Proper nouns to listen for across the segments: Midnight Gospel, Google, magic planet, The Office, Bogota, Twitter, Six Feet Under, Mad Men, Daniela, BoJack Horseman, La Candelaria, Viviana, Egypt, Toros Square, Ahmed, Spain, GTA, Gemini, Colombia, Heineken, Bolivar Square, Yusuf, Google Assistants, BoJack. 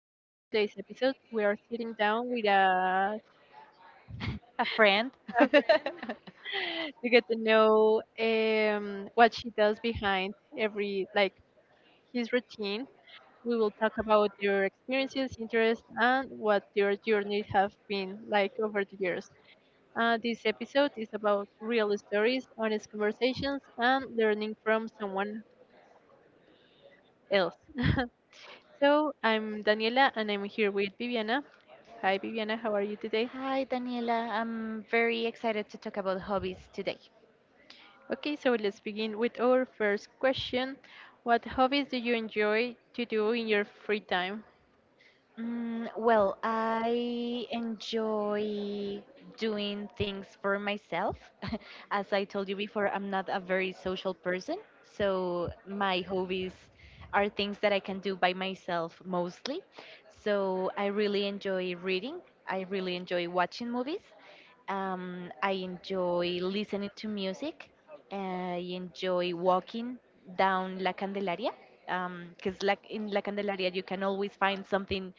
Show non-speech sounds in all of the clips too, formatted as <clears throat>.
In today's episode, we are sitting down with a A friend? staff <laughs> <laughs> to get to know what she does behind his routine. We will talk about their experiences, interests, and what their journeys have been like over the years. This episode is about real stories, honest conversations, and learning from someone else. <laughs> So I'm Daniela and I'm here with Viviana. Hi Viviana, how are you today? Hi, Daniela. I'm very excited to talk about hobbies today. Okay, so let's begin with our first question. What hobbies do you enjoy to do in your free time? Well, I enjoy doing things for myself. <laughs> As I told you before, I'm not a very social person, so my hobbies are things that I can do by myself mostly. So I really enjoy reading. I really enjoy watching movies. I enjoy listening to music. I enjoy walking down La Candelaria because like in La Candelaria you can always find something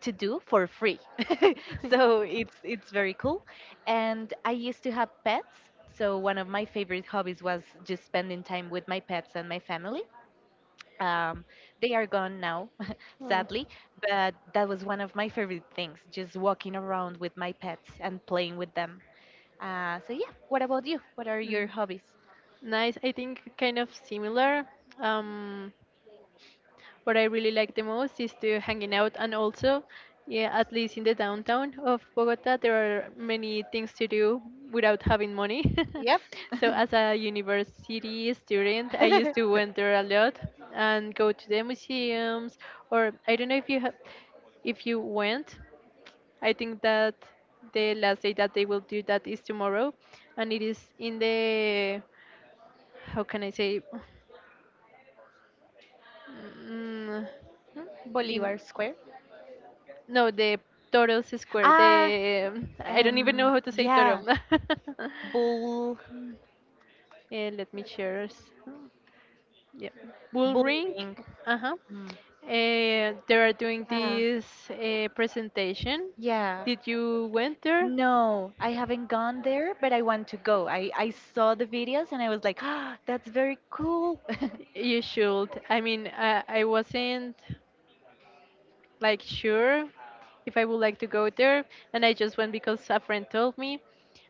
to do for free. <laughs> So it's very cool. And I used to have pets. So one of my favorite hobbies was just spending time with my pets and my family um, they are gone now, <laughs> Hmm, sadly, but that was one of my favorite things, just walking around with my pets and playing with them. So, yeah, what about you? What are your mm, hobbies? Nice, I think kind of similar. Um, What I really like the most is to hanging out and also, yeah, at least in the downtown of Bogota, there are many things to do without having money. Yep. <laughs> <laughs> So as a university student, I used to wander a lot and go to the museums or I don't know if you have if you went. I think that the last day that they will do that is tomorrow, and it is in the how can I say mm, Hmm, in Bolivar Square. No, the Toros Square. Ah, The I don't even know how to say yeah, Toro. <laughs> bull, Let me share. Yeah, Bull bull Ring. ring. Uh huh. Mm, They are doing yeah, this presentation. yeah. Did you went there? No, I haven't gone there, but I want to go. I saw the videos and I was like, ah, that's very cool. <laughs> You should. I mean, I wasn't like sure if I would like to go there, and I just went because a friend told me,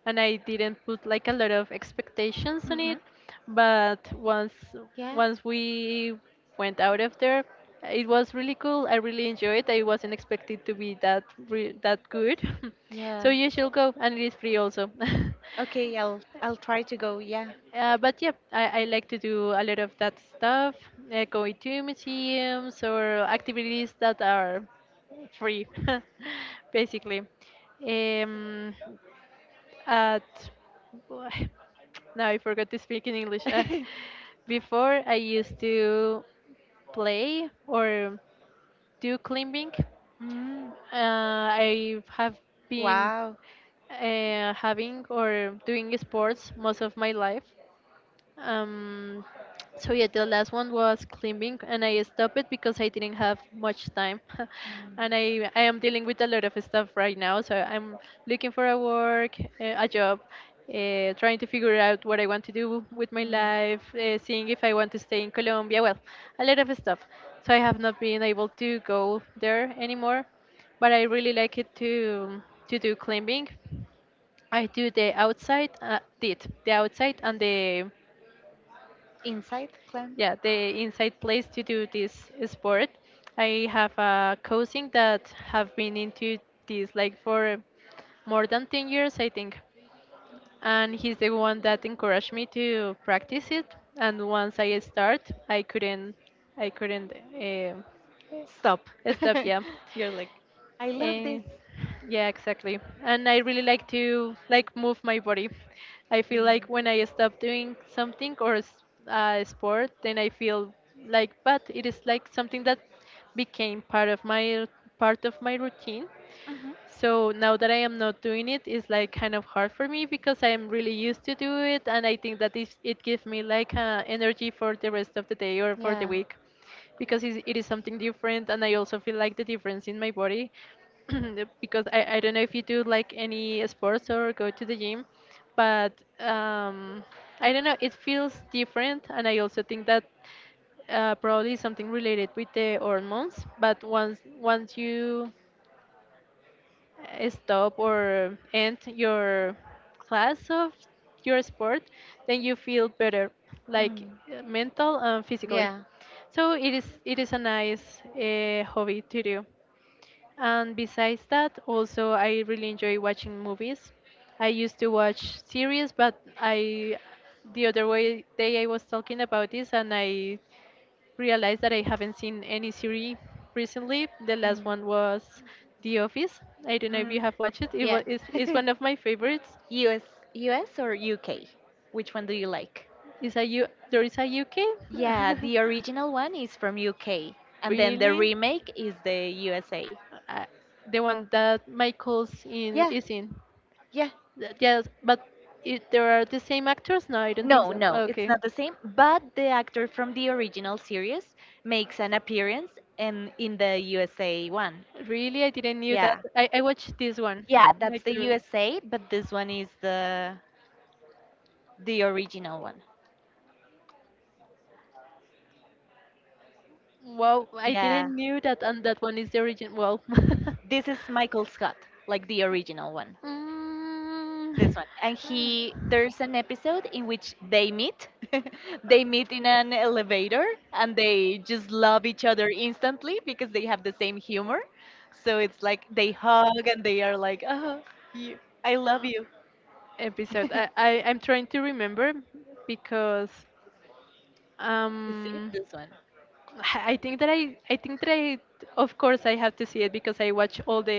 and I didn't put like a lot of expectations on it. Hmm. But once Yeah. once we went out of there, it was really cool. I really enjoyed it. I wasn't expected to be that good. <laughs> So Yeah. you should go, and it is free also. <laughs> Okay, I'll try to go. Yeah. But yeah, I like to do a lot of that stuff, going to museums or activities that are free, <laughs> basically. Um, at <sighs> Now I forgot to speak in English. <laughs> Before I used to play or do climbing. Mm, I have been wow. Having or doing sports most of my life. Um, so yeah, the last one was climbing, and I stopped it because I didn't have much time, <laughs> and Mm. I am dealing with a lot of stuff right now. So I'm looking for a a job, trying to figure out what I want to do with my Hmm. life, seeing if I want to stay in Colombia. Well, a lot of stuff. So I have not been able to go there anymore, but I really like it to do climbing. I do the outside, did the outside and the Inside clan? yeah the inside place to do this sport. I have a cousin that have been into this like for more than 10 years I think, and he's the one that encouraged me to practice it, and once I start I couldn't um Stop. <laughs> stop. Yeah. You're like, I love Eh, this. yeah, exactly. And I really like to like move my body. I feel like when I stop doing something or sport, then I feel like, but it is like something that became part of my routine, Hmm. so now that I am not doing it, it's like kind of hard for me because I am really used to do it, and I think that it gives me like energy for the rest of the day or for the Yeah. week, because it is something different, and I also feel like the difference in my body, <clears throat> because I don't know if you do like any sports or go to the gym, but um, I don't know, it feels different, and I also think that probably something related with the hormones. But once you stop or end your class of your sport, then you feel better, like Mm. Mental and physically. Yeah. So it is a nice hobby to do. And besides that, also I really enjoy watching movies. I used to watch series, but I the other way day I was talking about this, and I realized that I haven't seen any series recently. The last Mm. one was The Office. I don't know if you Mhm. have watched it. It Yeah. <laughs> It's one of my favorites. US, US or UK? Which one do you like? Is a U There is a UK? Yeah, the original one is from UK, <laughs> and then the Really? remake is the USA. Uh, the one that Michael's in Yeah, is in. yeah. Yes, but it, there are the same actors? No, I don't think No, so. no, it's Okay. not the same, but the actor from the original series makes an appearance in the USA one. Really, I didn't knew Yeah. that. I watched this one. Yeah, that's Like the the USA, but this one is the original one. Wow, I Yeah. didn't knew that, and that one is the origin. Well, <laughs> This is Michael Scott, like the original one. This Mm, one, and he there's an episode in which they meet <laughs> they meet in an elevator and they just love each other instantly because they have the same humor, so it's like they hug and they are like, oh you, I love you. <laughs> episode. You I'm trying to remember because see um this one. I think that I of course I have to see it because I watch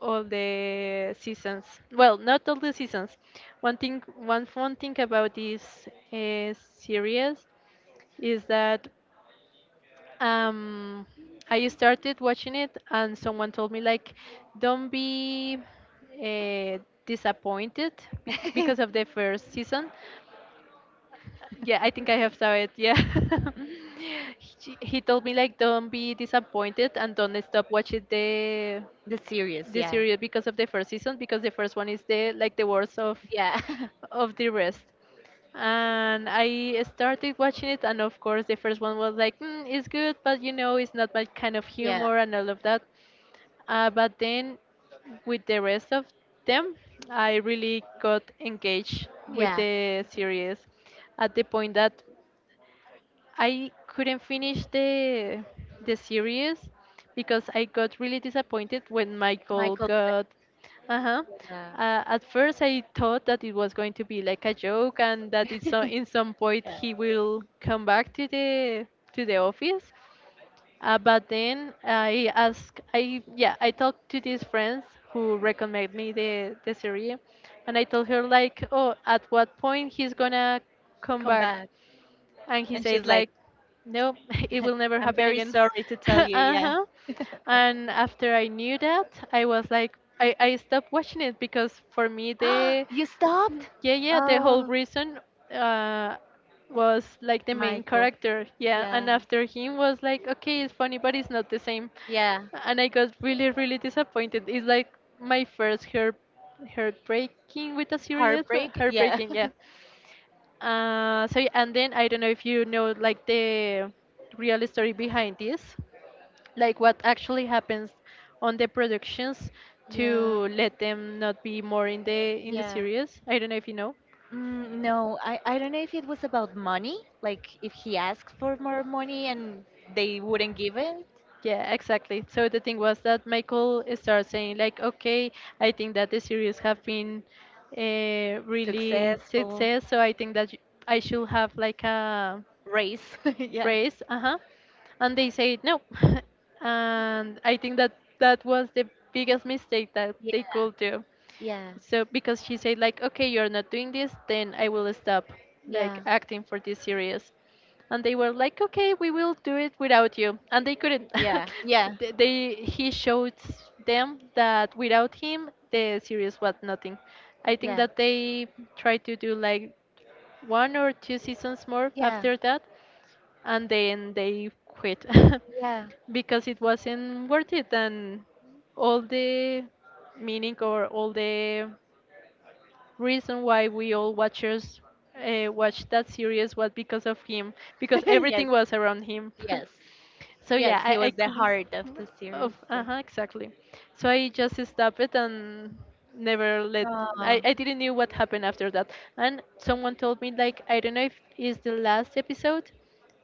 all the seasons. Well, not all the seasons. One fun thing about this series is that um, I started watching it, and someone told me like, don't be uh, disappointed because of the <laughs> first season. Yeah, I think I have saw it. Yeah. <laughs> He told me like don't be disappointed and don't stop watching The series, the yeah, series because of the first season because the first one is the like the worst yeah. <laughs> of the rest. And I started watching it, and of course the first one was like mm, it's good but you know it's not my kind of Yeah, humor and all of that. But then with the rest of them I really got engaged with yeah, the series, at the point that I couldn't finish the series because I got really disappointed when Michael Michael, got. Uh-huh. yeah. At first, I thought that it was going to be like a joke and that <laughs> it's so, Yeah, in some point he will come back to the office. But then I asked, I yeah, I talked to these friends who recommend me the series, and I told her like, oh, at what point he's gonna come come back? back. And he And she's said like, like no. <laughs> It will <laughs> never I'm happen very again. sorry to tell <laughs> you. Yeah. Uh-huh. And after I knew that I was like I stopped watching it because for me the <gasps> You stopped? yeah yeah the whole Oh, reason uh was like the main Michael. character, yeah, and Yeah. after him was like okay it's funny but it's not the same. Yeah. And I got really really disappointed. It's like my first heartbreaking with a series. Heartbreak? Yeah. Heartbreaking, yeah. <laughs> So yeah, and then I don't know if you know like the real story behind this, like what actually happens on the productions Yeah, to let them not be more in the yeah. series. I don't know if you know. No, I don't know if it was about money, like if he asked for more money and they wouldn't give it. Yeah, exactly. So the thing was that Michael started saying like, okay, I think that the series have been really Successful success, so I think that I should have like a race. <laughs> Yeah. race, uh-huh, and they say no. <laughs> And I think that that was the biggest mistake that they could do. Yeah, So because she said like, okay, you're not doing this, then I will stop like yeah, acting for this series. And they were like, okay, we will do it without you, and they couldn't. yeah, <laughs> yeah, they He showed them that without him, the series was nothing. I think yeah. that they tried to do like one or two seasons more Yeah, after that, and then they quit <laughs> yeah. because it wasn't worth it, and all the all the reason why we all watchers watched that series was because of him, because <laughs> Yes, everything was around him. yes, <laughs> So yes. yeah, He I was the could. heart of the series. Of Yeah. uh-huh, exactly. So I just stopped it and never let. Oh. I didn't knew what happened after that. And someone told me like I don't know if it's the last episode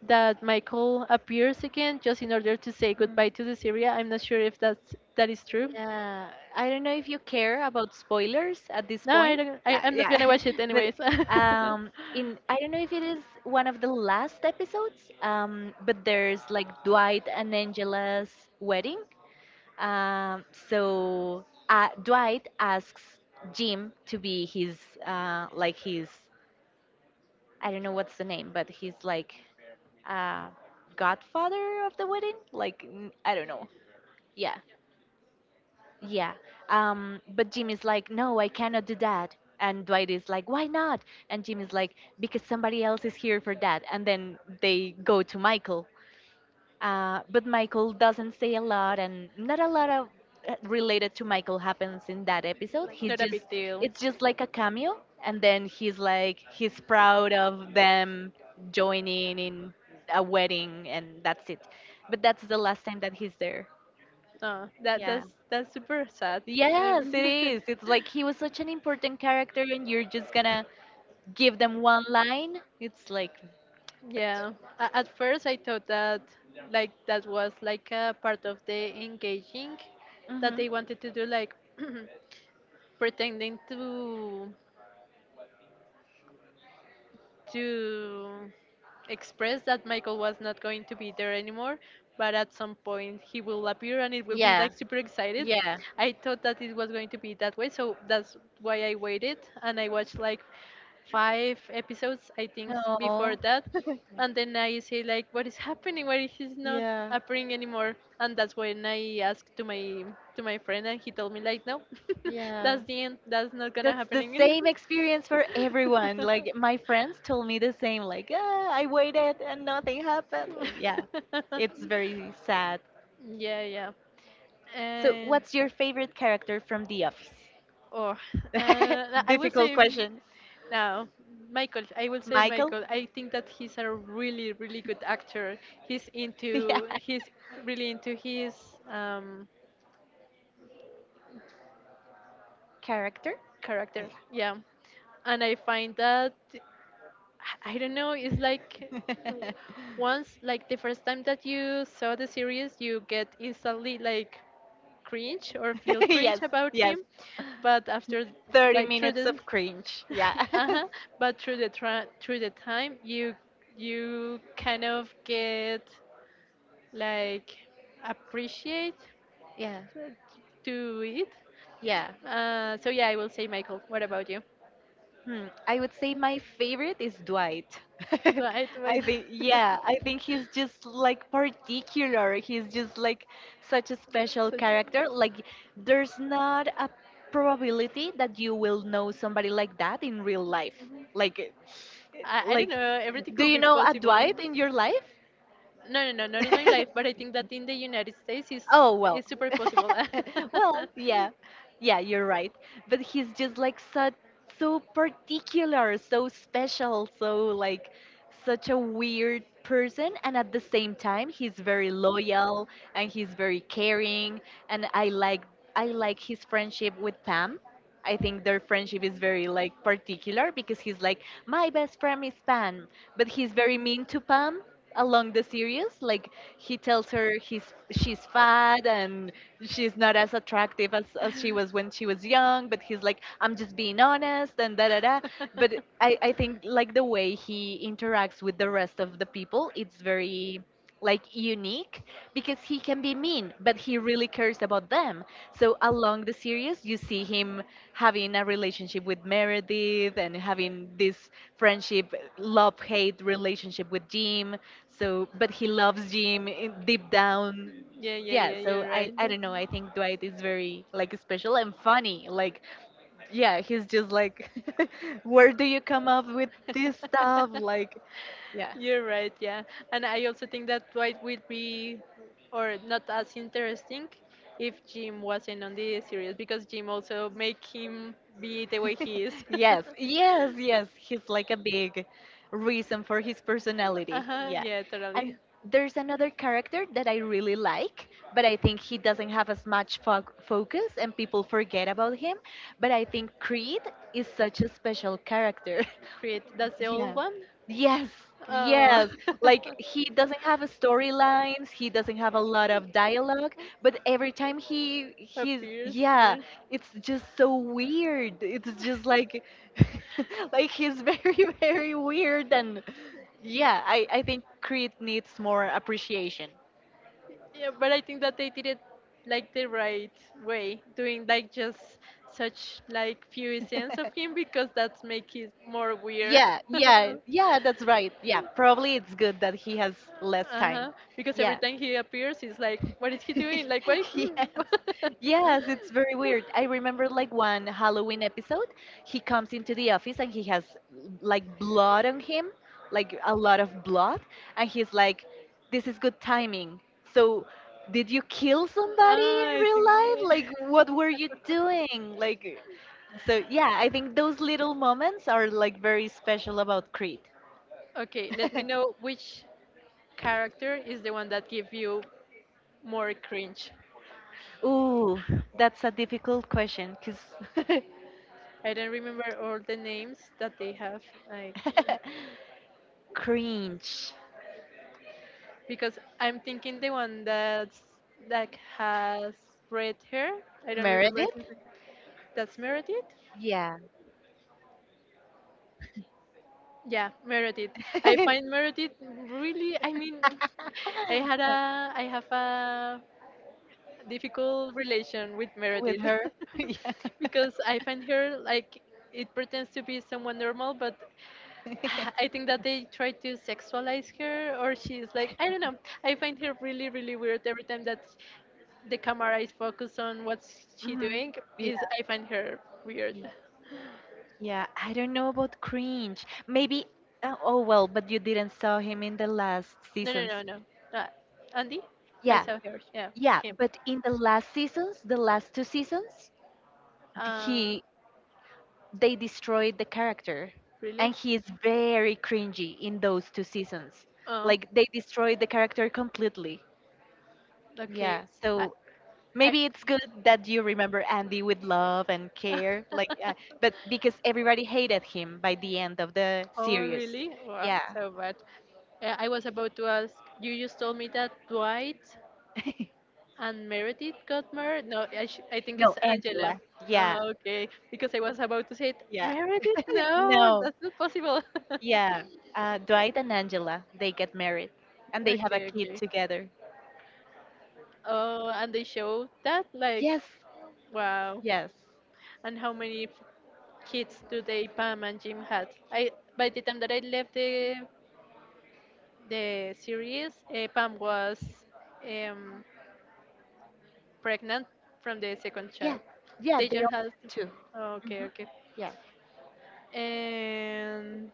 that Michael appears again just in order to say Mm, goodbye to the series. I'm not sure if that is true. yeah. I don't know if you care about spoilers at this No, I point. don't. I'm not Yeah, gonna watch <laughs> it but anyways. <laughs> In I don't know if it is one of the last episodes. But there's like Dwight and Angela's wedding. So, Dwight asks Jim to be his like his, I don't know what's the name, but he's like uh, godfather of the wedding. Like n- I don't know. Yeah, yeah. But Jim is like, no, I cannot do that. And Dwight is like, why not? And Jim is like, because somebody else is here for that. And then they go to Michael. But Michael doesn't say a lot, and not a lot of related to Michael happens in that episode. Like He's not a just, big deal. it's just like a cameo, and then he's like, he's proud of them joining in a wedding, and that's it. But that's the last time that he's there. No, Yeah. That's super sad. Yes, it Um, is. It's like he was such an important character, and you're just gonna give them one line. It's like, <laughs> but yeah. At first, I thought that like that was like a part of the engaging that hmm. they wanted to do, like <clears throat> pretending to to expressed that Michael was not going to be there anymore, but at some point he will appear and it will be Yeah. like super excited. Yeah. <laughs> I thought that it was going to be that way, so that's why I waited and I watched like five episodes, I think, before No. that. And then I say like, what is happening? Why he's not Yeah. appearing anymore? And that's when I asked to my friend, and he told me like, no. <laughs> Yeah. That's the end. That's not gonna That's happen the again. same experience for everyone. Like my friends told me the same. Like, <laughs> ah, I waited and nothing happened. And yeah, it's very <laughs> sad. Yeah, yeah. So, And what's your favorite character from The Office? oh, <laughs> I will Difficult say question. now, Michael. I will say Michael? Michael. I think that he's a really, really good actor. He's <laughs> Yeah. into he's really into his um, Character? Oh, character. Yeah, and I find that. I don't know. It's like yeah. once, like the first time <laughs> that you saw the series, you get instantly like cringe or feel <laughs> cringe Yes, about yes. him. But after, 30 like minutes of cringe. <laughs> Yeah. <laughs> uh-huh, but through the time, you kind of get like appreciate Yeah, to to it. yeah. So yeah, I will say Michael. What about you? Hmm, I would say my favorite is Dwight. <laughs> Right, right. I think, yeah, <laughs> I think he's just like particular. He's just like such a special Such a. character. Like, there's not a probability that you will know somebody like that in real life. Mhm. Like, eh, I don't like, know, everything do could you be know a possible. Dwight in your life? No, no, no, not in my life, <laughs> but I think that in the United States is Oh well. it's super possible. <laughs> <laughs> Well, yeah. Yeah, you're right. But he's just like so so particular, so special, so like such a weird person, and at the same time he's very loyal and he's very caring, and I like, I like his friendship with Pam. I think their friendship is very like particular because he's like, my best friend is Pam, but he's very mean to Pam along the series. Like he tells her he's she's fat and she's not as attractive as she was when she was young, but he's like, I'm just being honest and da da da, but I think like the way he interacts with the rest of the people, it's very like unique because he can be mean, but he really cares about them. So along the series, you see him having a relationship with Meredith and having this friendship, love-hate relationship with Jim. So, but he loves Jim in- deep down. Yeah, yeah, Yeah, yeah, so you're I, right. I don't know. I think Dwight is very like special and funny. Like, yeah, he's just like, <laughs> where do you come up with this stuff? <laughs> Like, yeah. You're right, yeah. And I also think that Dwight would be, or not as interesting, if Jim wasn't on the series because Jim also make him be the way he is. <laughs> Yes, yes, yes. He's like a big <laughs> reason for his Uh personality. huh. Yeah. Yeah, And totally. there's another character that I really like, but I think he doesn't have as much fo focus, and people forget about him. But I think Creed is such a special character. <laughs> Create. That's the old Yeah. one. Yes, Oh. yes. Like <laughs> he doesn't have a storylines, he doesn't have a lot of dialogue, but every time he's Appears. Yeah. yeah, it's just so weird. It's just like <laughs> like he's very <laughs> very weird, and yeah, I think Creed needs more appreciation. Yeah, but I think that they did it like the right way, doing like just such like few scenes of <laughs> him because that's make it more weird. <laughs> Yeah, yeah, yeah, that's right. Yeah, probably it's good that he has less time. Uh-huh. Because every Yeah. time he appears, it's like, what is he doing? Like, why? <laughs> Yes. Yes, it's very weird. I remember like one Halloween episode, he comes into the office and he has like blood on him, like a lot of blood, and he's like, "This is <laughs> good timing." So, did you kill somebody in Ah, I real think. life? Yeah. <laughs> Like, what were you doing? Like, so yeah, I think those little moments are like very special about Creed. Okay, let me <laughs> know which character is the one that give you more cringe. Ooh, that's a difficult question because I don't remember all the names that they have, like <laughs> cringe. because I'm thinking the one that's like has red hair. I don't remember his Meredith? name. That's Meredith. Yeah. Yeah, Meredith. I find <laughs> Meredith really. I mean, <laughs> I have a difficult relation with With Meredith her? <laughs> Yeah. <laughs> because I find her like it pretends to be someone normal, but <sighs> I think that <laughs> they try to sexualize her, or she's like I don't know. I find her really really weird every time that the camera is focused on what she Mhm. doing. Is I find her weird. Yeah. Yeah, I don't know about cringe. Maybe, oh, oh well, but you didn't saw him in the last No, no, seasons. no, no. Andy, I Yeah, saw her. Yeah, yeah, him. but in the last seasons, the last two seasons, Uh, he they destroyed the character, and Really? he is very cringy in those two seasons. Oh. Like they destroyed the character completely. Okay. Yeah, I so I. maybe it's good that you remember Andy with love and care, like, but <laughs> because everybody hated him by the end of the Oh, series. really? Wow, Yeah. so bad. I was about to ask, you just told me that Dwight <laughs> and Meredith got married? No, I think No, it's Angela. Angela. Yeah, Oh, okay. Because I was about to say, yeah. Meredith? No, No, that's not possible. <laughs> yeah. Dwight and Angela, they get married and they have a Okay, kid okay. together. Oh, and they showed that? Like, Yes, wow. yes. And how many kids today, Pam and Jim had. I by the time that I left the series, Pam was um, pregnant from the second Yeah, child. yeah, They they just are had. too. Oh, okay, Hmm. okay. Yeah. And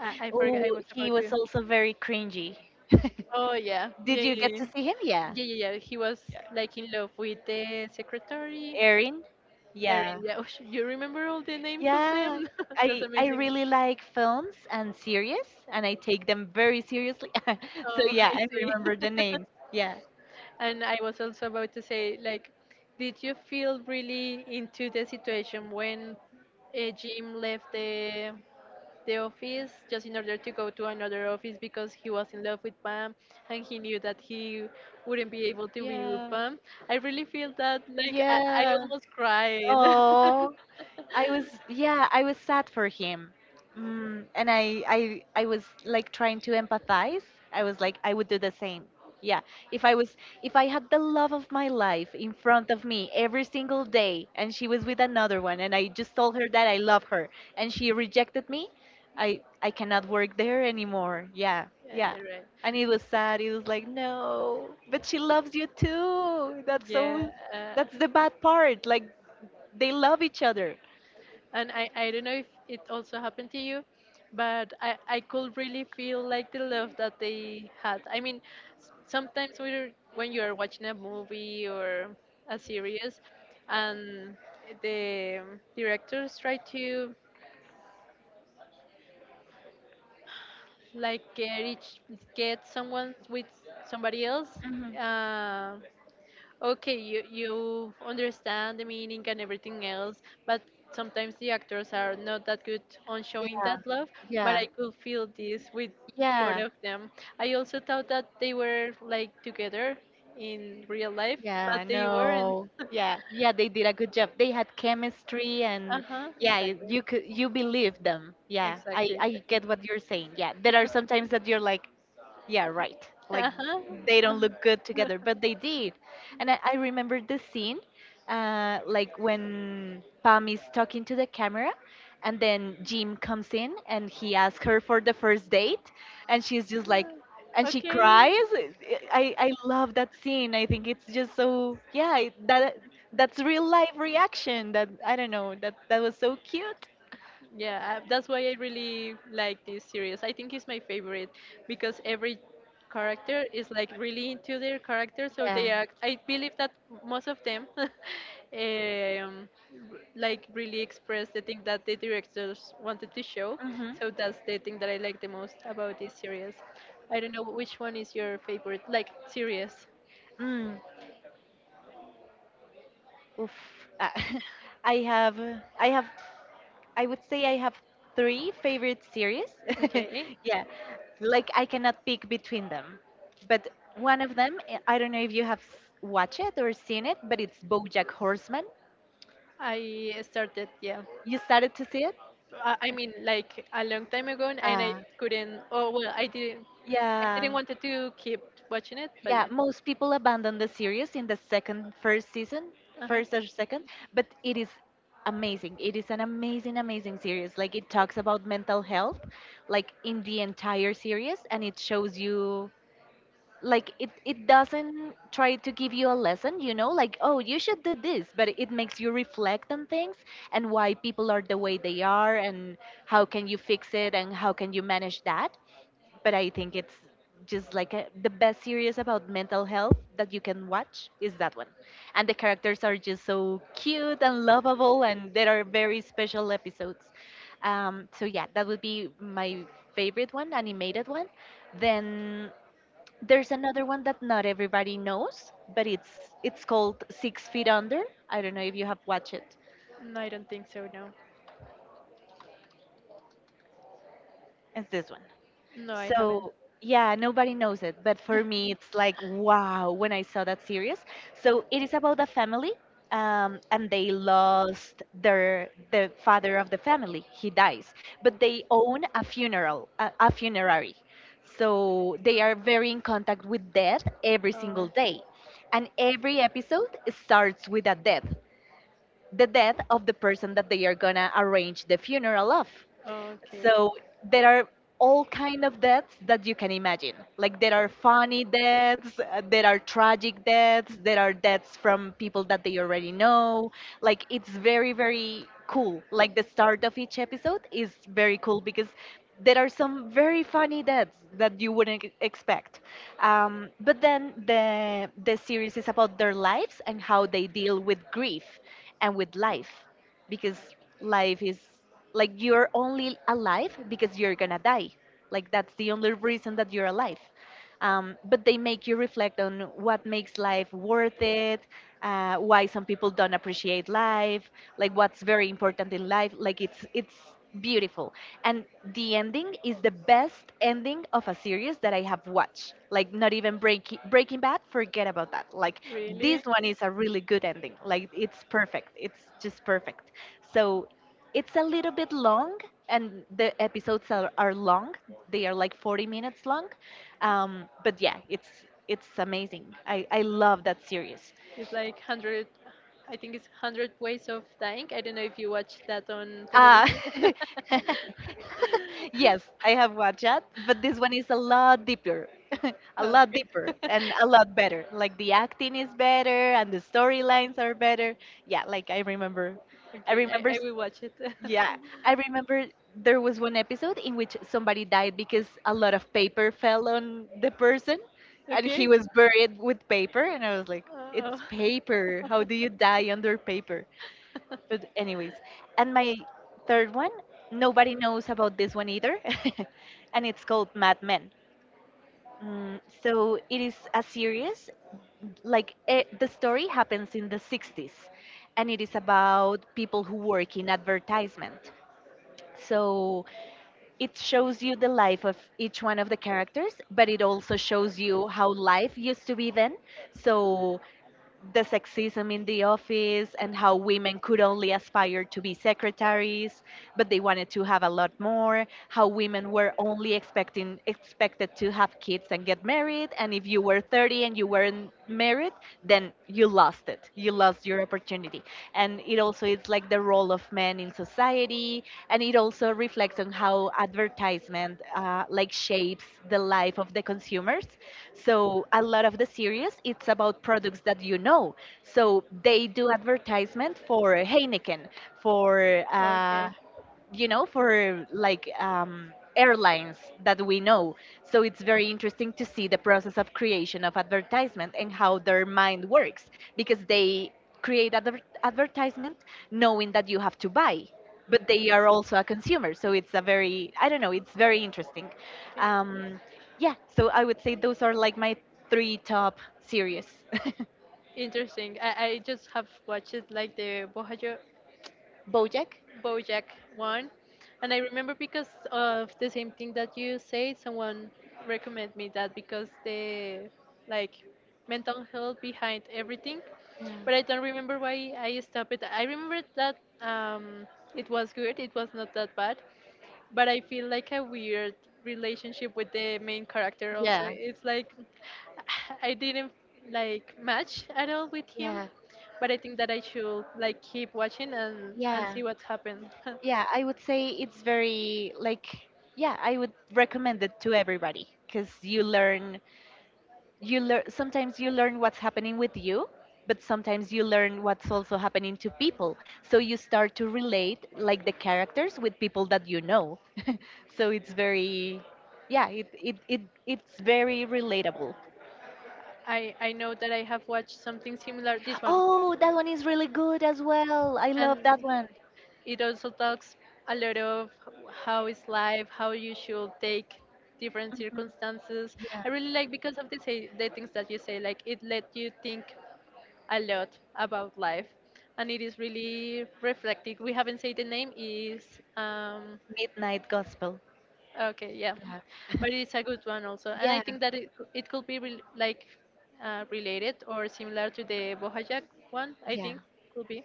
I forgot. Oh, I was he about was to. also very cringy. <laughs> Oh, yeah, Did yeah, you yeah, get yeah, to see him? Yeah. yeah. Yeah, yeah. He was like in love with the secretary. Erin? Erin, Yeah. yeah. <laughs> Oh, you remember all the names of Yeah, them? <laughs> I That's I amazing. really like films and series, and I take them very seriously. <laughs> So Oh, yeah, I I see. remember the <laughs> names. Yeah. And I was also about to say, like, did you feel really into the situation when Jim left the office just in order to go to another office because he was in love with Pam and he knew that he wouldn't be able to be with Yeah. Pam? I really feel that, like, I Yeah. almost crying. Oh, I was yeah, I was sad for him. And I was like trying to empathize. I was like, I would do the same. Yeah. If I was, if I had the love of my life in front of me every single day and <laughs> she was with another one and I just told her that I love her and she rejected me, I cannot work there anymore. Yeah. Yeah. Yeah, right. And it was sad. It was like, "No, but she loves you too." That's so, Yeah, uh, that's the bad part. Like they love each other. and I don't know if it also happened to you, but I could really feel like the love that they had. I mean, sometimes when you are watching a movie or a series, and the directors try to like get someone with somebody else. Hmm. Uh, Okay, you understand the meaning and everything else, but sometimes the actors are not that good on showing that love, but Yeah, I could feel this with both yeah, of them. I also thought that they were like together in real life, yeah, but they weren't. no, yeah, yeah, they did a good job. They had chemistry and Uh-huh, yeah, exactly. you could, you believe them. Yeah, I Exactly, I exactly. get what you're saying. Yeah, there are sometimes that you're like, yeah, right. Like Uh-huh. they don't <laughs> look good together, but they did. And I remember the scene, like when Pam is talking to the camera, and then Jim comes in and he asks her for the first date, and she's just like, and she Okay. cries. I love that scene. I think it's just so yeah. That that's real life reaction. That I don't know. That that was so cute. Yeah, that's why I really like this series. I think it's my favorite because every character is like really into their character, so Yeah. they act. I believe that most of them, <laughs> like really express the thing that the directors wanted to show. So that's the thing that I like the most about this series. I don't know which one is your favorite, like series. Mm, oof. Ah, <laughs> I have I have I would say I have three favorite series. <laughs> Okay, Yeah, like I cannot pick between them. But one of them, eh, I don't know if you have watched it or seen it, but it's BoJack Horseman. I started. Yeah. You started to see it? I mean, like a long time ago, and I Uh, couldn't. Oh well, I didn't. I yeah, didn't want to keep watching it, but yeah. yeah. Most people abandon the series in the first season, Uh huh. first or second, but it is amazing. It is an amazing, amazing series. Like it talks about mental health, like in the entire series, and it shows you like it doesn't try to give you a lesson, you know, like, oh, you should do this, but it makes you reflect on things and why people are the way they are, and how can you fix it and how can you manage that. But I think it's just like the best series about mental health that you can watch is that one. And the characters are just so cute and lovable, and there are very special episodes. So yeah, that would be my favorite one, animated one. Then there's another one that not everybody knows, but it's called Six Feet Under. I don't know if you have watched it. No, I don't think so, no. It's this one. No, I haven't. So yeah, nobody knows it, but for me, it's like wow when I saw that series. So it is about a family, and they lost the father of the family. He dies, but they own a funeral, a funerary. So they are very in contact with death every Uh, single day, and every episode starts with a death, the death of the person that they are gonna arrange the funeral of. okay. So there are all kind of deaths that you can imagine. Like there are funny deaths, there are tragic deaths, there are deaths from people that they already know. Like it's very very cool. Like the start of each episode is very cool because there are some very funny deaths that you wouldn't expect. But then the series is about their lives and how they deal with grief and with life, because life is, like, you're only alive because you're gonna die. Like that's the only reason that you're alive. But they make you reflect on what makes life worth it, why some people don't appreciate life, like what's very important in life. Like it's beautiful. And the ending is the best ending of a series that I have watched. Like not even Breaking Bad. Forget about that. Like Really? this one is a really good ending. Like it's perfect, it's just perfect. So it's a little bit long, and the episodes are long. They are like 40 minutes long. But yeah, it's amazing. I love that series. It's like 100, I think it's 100 Ways of Dying. I don't know if you watch that on Uh, television. <laughs> yes, <laughs> I have watched that, but this one is a lot deeper, <laughs> a lot Okay. deeper, and a <laughs> lot better. Like the acting is better, and the storylines are better. Yeah, like I Okay, remember I will watch it. Yeah, I remember there was one episode in which <laughs> somebody died because a lot of paper fell on the person and he Okay. was buried with paper. And I was like, Uh-oh. it's paper. How do you die under paper? But, anyways, and my third one, nobody knows about this one either. <laughs> And it's called Mad Men. Mm, so it is a series, like the story happens in the 60s, and it is about people who work in advertisement. So it shows you the life of each one of the characters, but it also shows you how life used to be then. So the sexism in the office and how women could only aspire to be secretaries, but they wanted to have a lot more. How women were only expecting expected to have kids and get married, and if you were 30 and you weren't married, then you lost it. You lost your opportunity. And it also is like the role of men in society, and it also reflects on how advertisement, like, shapes the life of the consumers. So a lot of the series it's about products that you know. So they do advertisement for Heineken, for Okay. Okay. you know, for like airlines that we know. So it's very interesting to see the process of creation of advertisement and how their mind works, because they create advertisement knowing that you have to buy. But they are also a consumer, so it's a very, I don't know, it's very interesting. Um, yeah, so I would say those are like my three top series. Interesting. I just have watched like the <laughs> BoJack. BoJack one, and I remember because of the same thing that you say, someone recommended me that because the like mental health behind everything, Yeah, but I don't remember why I stopped it. I remember that it was good, it was not that bad, but I feel like a weird relationship with the main character also. yeah, It's like <sighs> I didn't like match at all with him, yeah, but I think that I should like keep watching and yeah. see what happened. <laughs> Yeah, I would say it's very like yeah, I would recommend it to everybody because you learn, you learn, sometimes you learn what's happening with you, but sometimes you learn what's also happening to people. So you start to relate like the characters with people that you know. <laughs> So it's very yeah, it's very relatable. I know that I have watched something similar this one, Oh, that one is really good as well. I love that and one. it also talks a lot of how is life, how you should take different Mhm. circumstances. Yeah. I really like because of the, say, the things that you say, like it let you think a lot about life, and it is really reflective. We haven't said the name is um, Midnight Gospel. okay, yeah, Yeah. but <laughs> it's a good one also, and I Yeah, think that it could be rel like related or similar to the Bojack one. I yeah. think could be.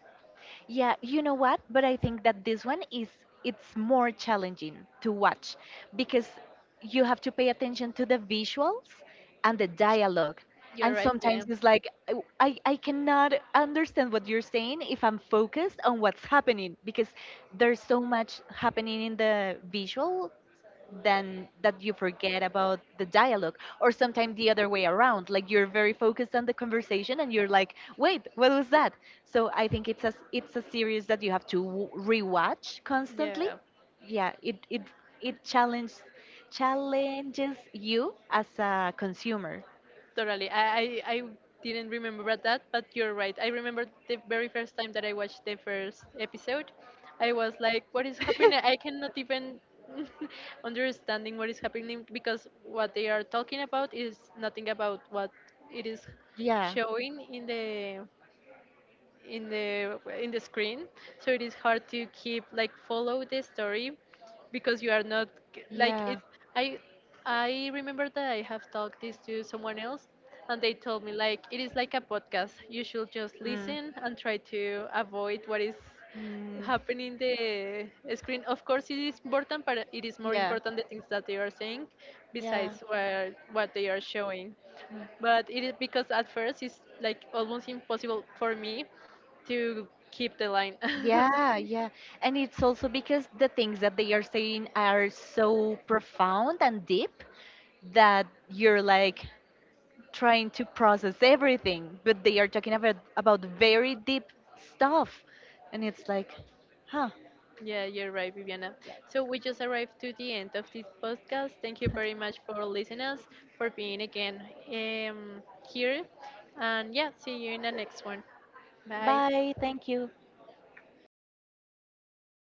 Yeah, you know what? But I think that this one is it's more challenging to watch because you have to pay attention to the visuals and the dialogue. You're And right. Yeah, sometimes it's like, "Oh, I cannot understand what you're saying if I'm focused on what's happening, because there's so much happening in the visual then that you forget about the dialogue, or sometimes the other way around. Like you're very focused on the conversation and you're like, wait, what was that? So I think it's a series that you have to rewatch constantly. yeah. Yeah, it it challenges, challenges you as a consumer. Totally. I didn't remember that, but you're right. I remember the very first time that I watched the first episode. I was like, what is happening? I cannot even <laughs> <laughs> understanding what is happening because what they are talking about is nothing about what it is Yeah. showing in the screen, so it is hard to keep like follow the story because you are not like it. Yeah. I i remember that I have talked this to someone else, and they told me like it is like a podcast. You should just Mm. listen and try to avoid what is Mm. happening in the screen. Of course it is important, but it is more Yeah. important the things that they are saying Yeah. besides what they are showing. Mm. But it is because at first it's like almost impossible for me to keep the line. <laughs> Yeah, yeah. And it's also because the things that they are saying are so profound and deep that you're like trying to process everything, but they are talking about very deep stuff, and it's like, huh, Yeah, you're right, Viviana. yeah, So we just arrived to the end of this podcast. Thank you very much for listening us, for being again um, here, and yeah, see you in the next one. Bye. bye, thank you.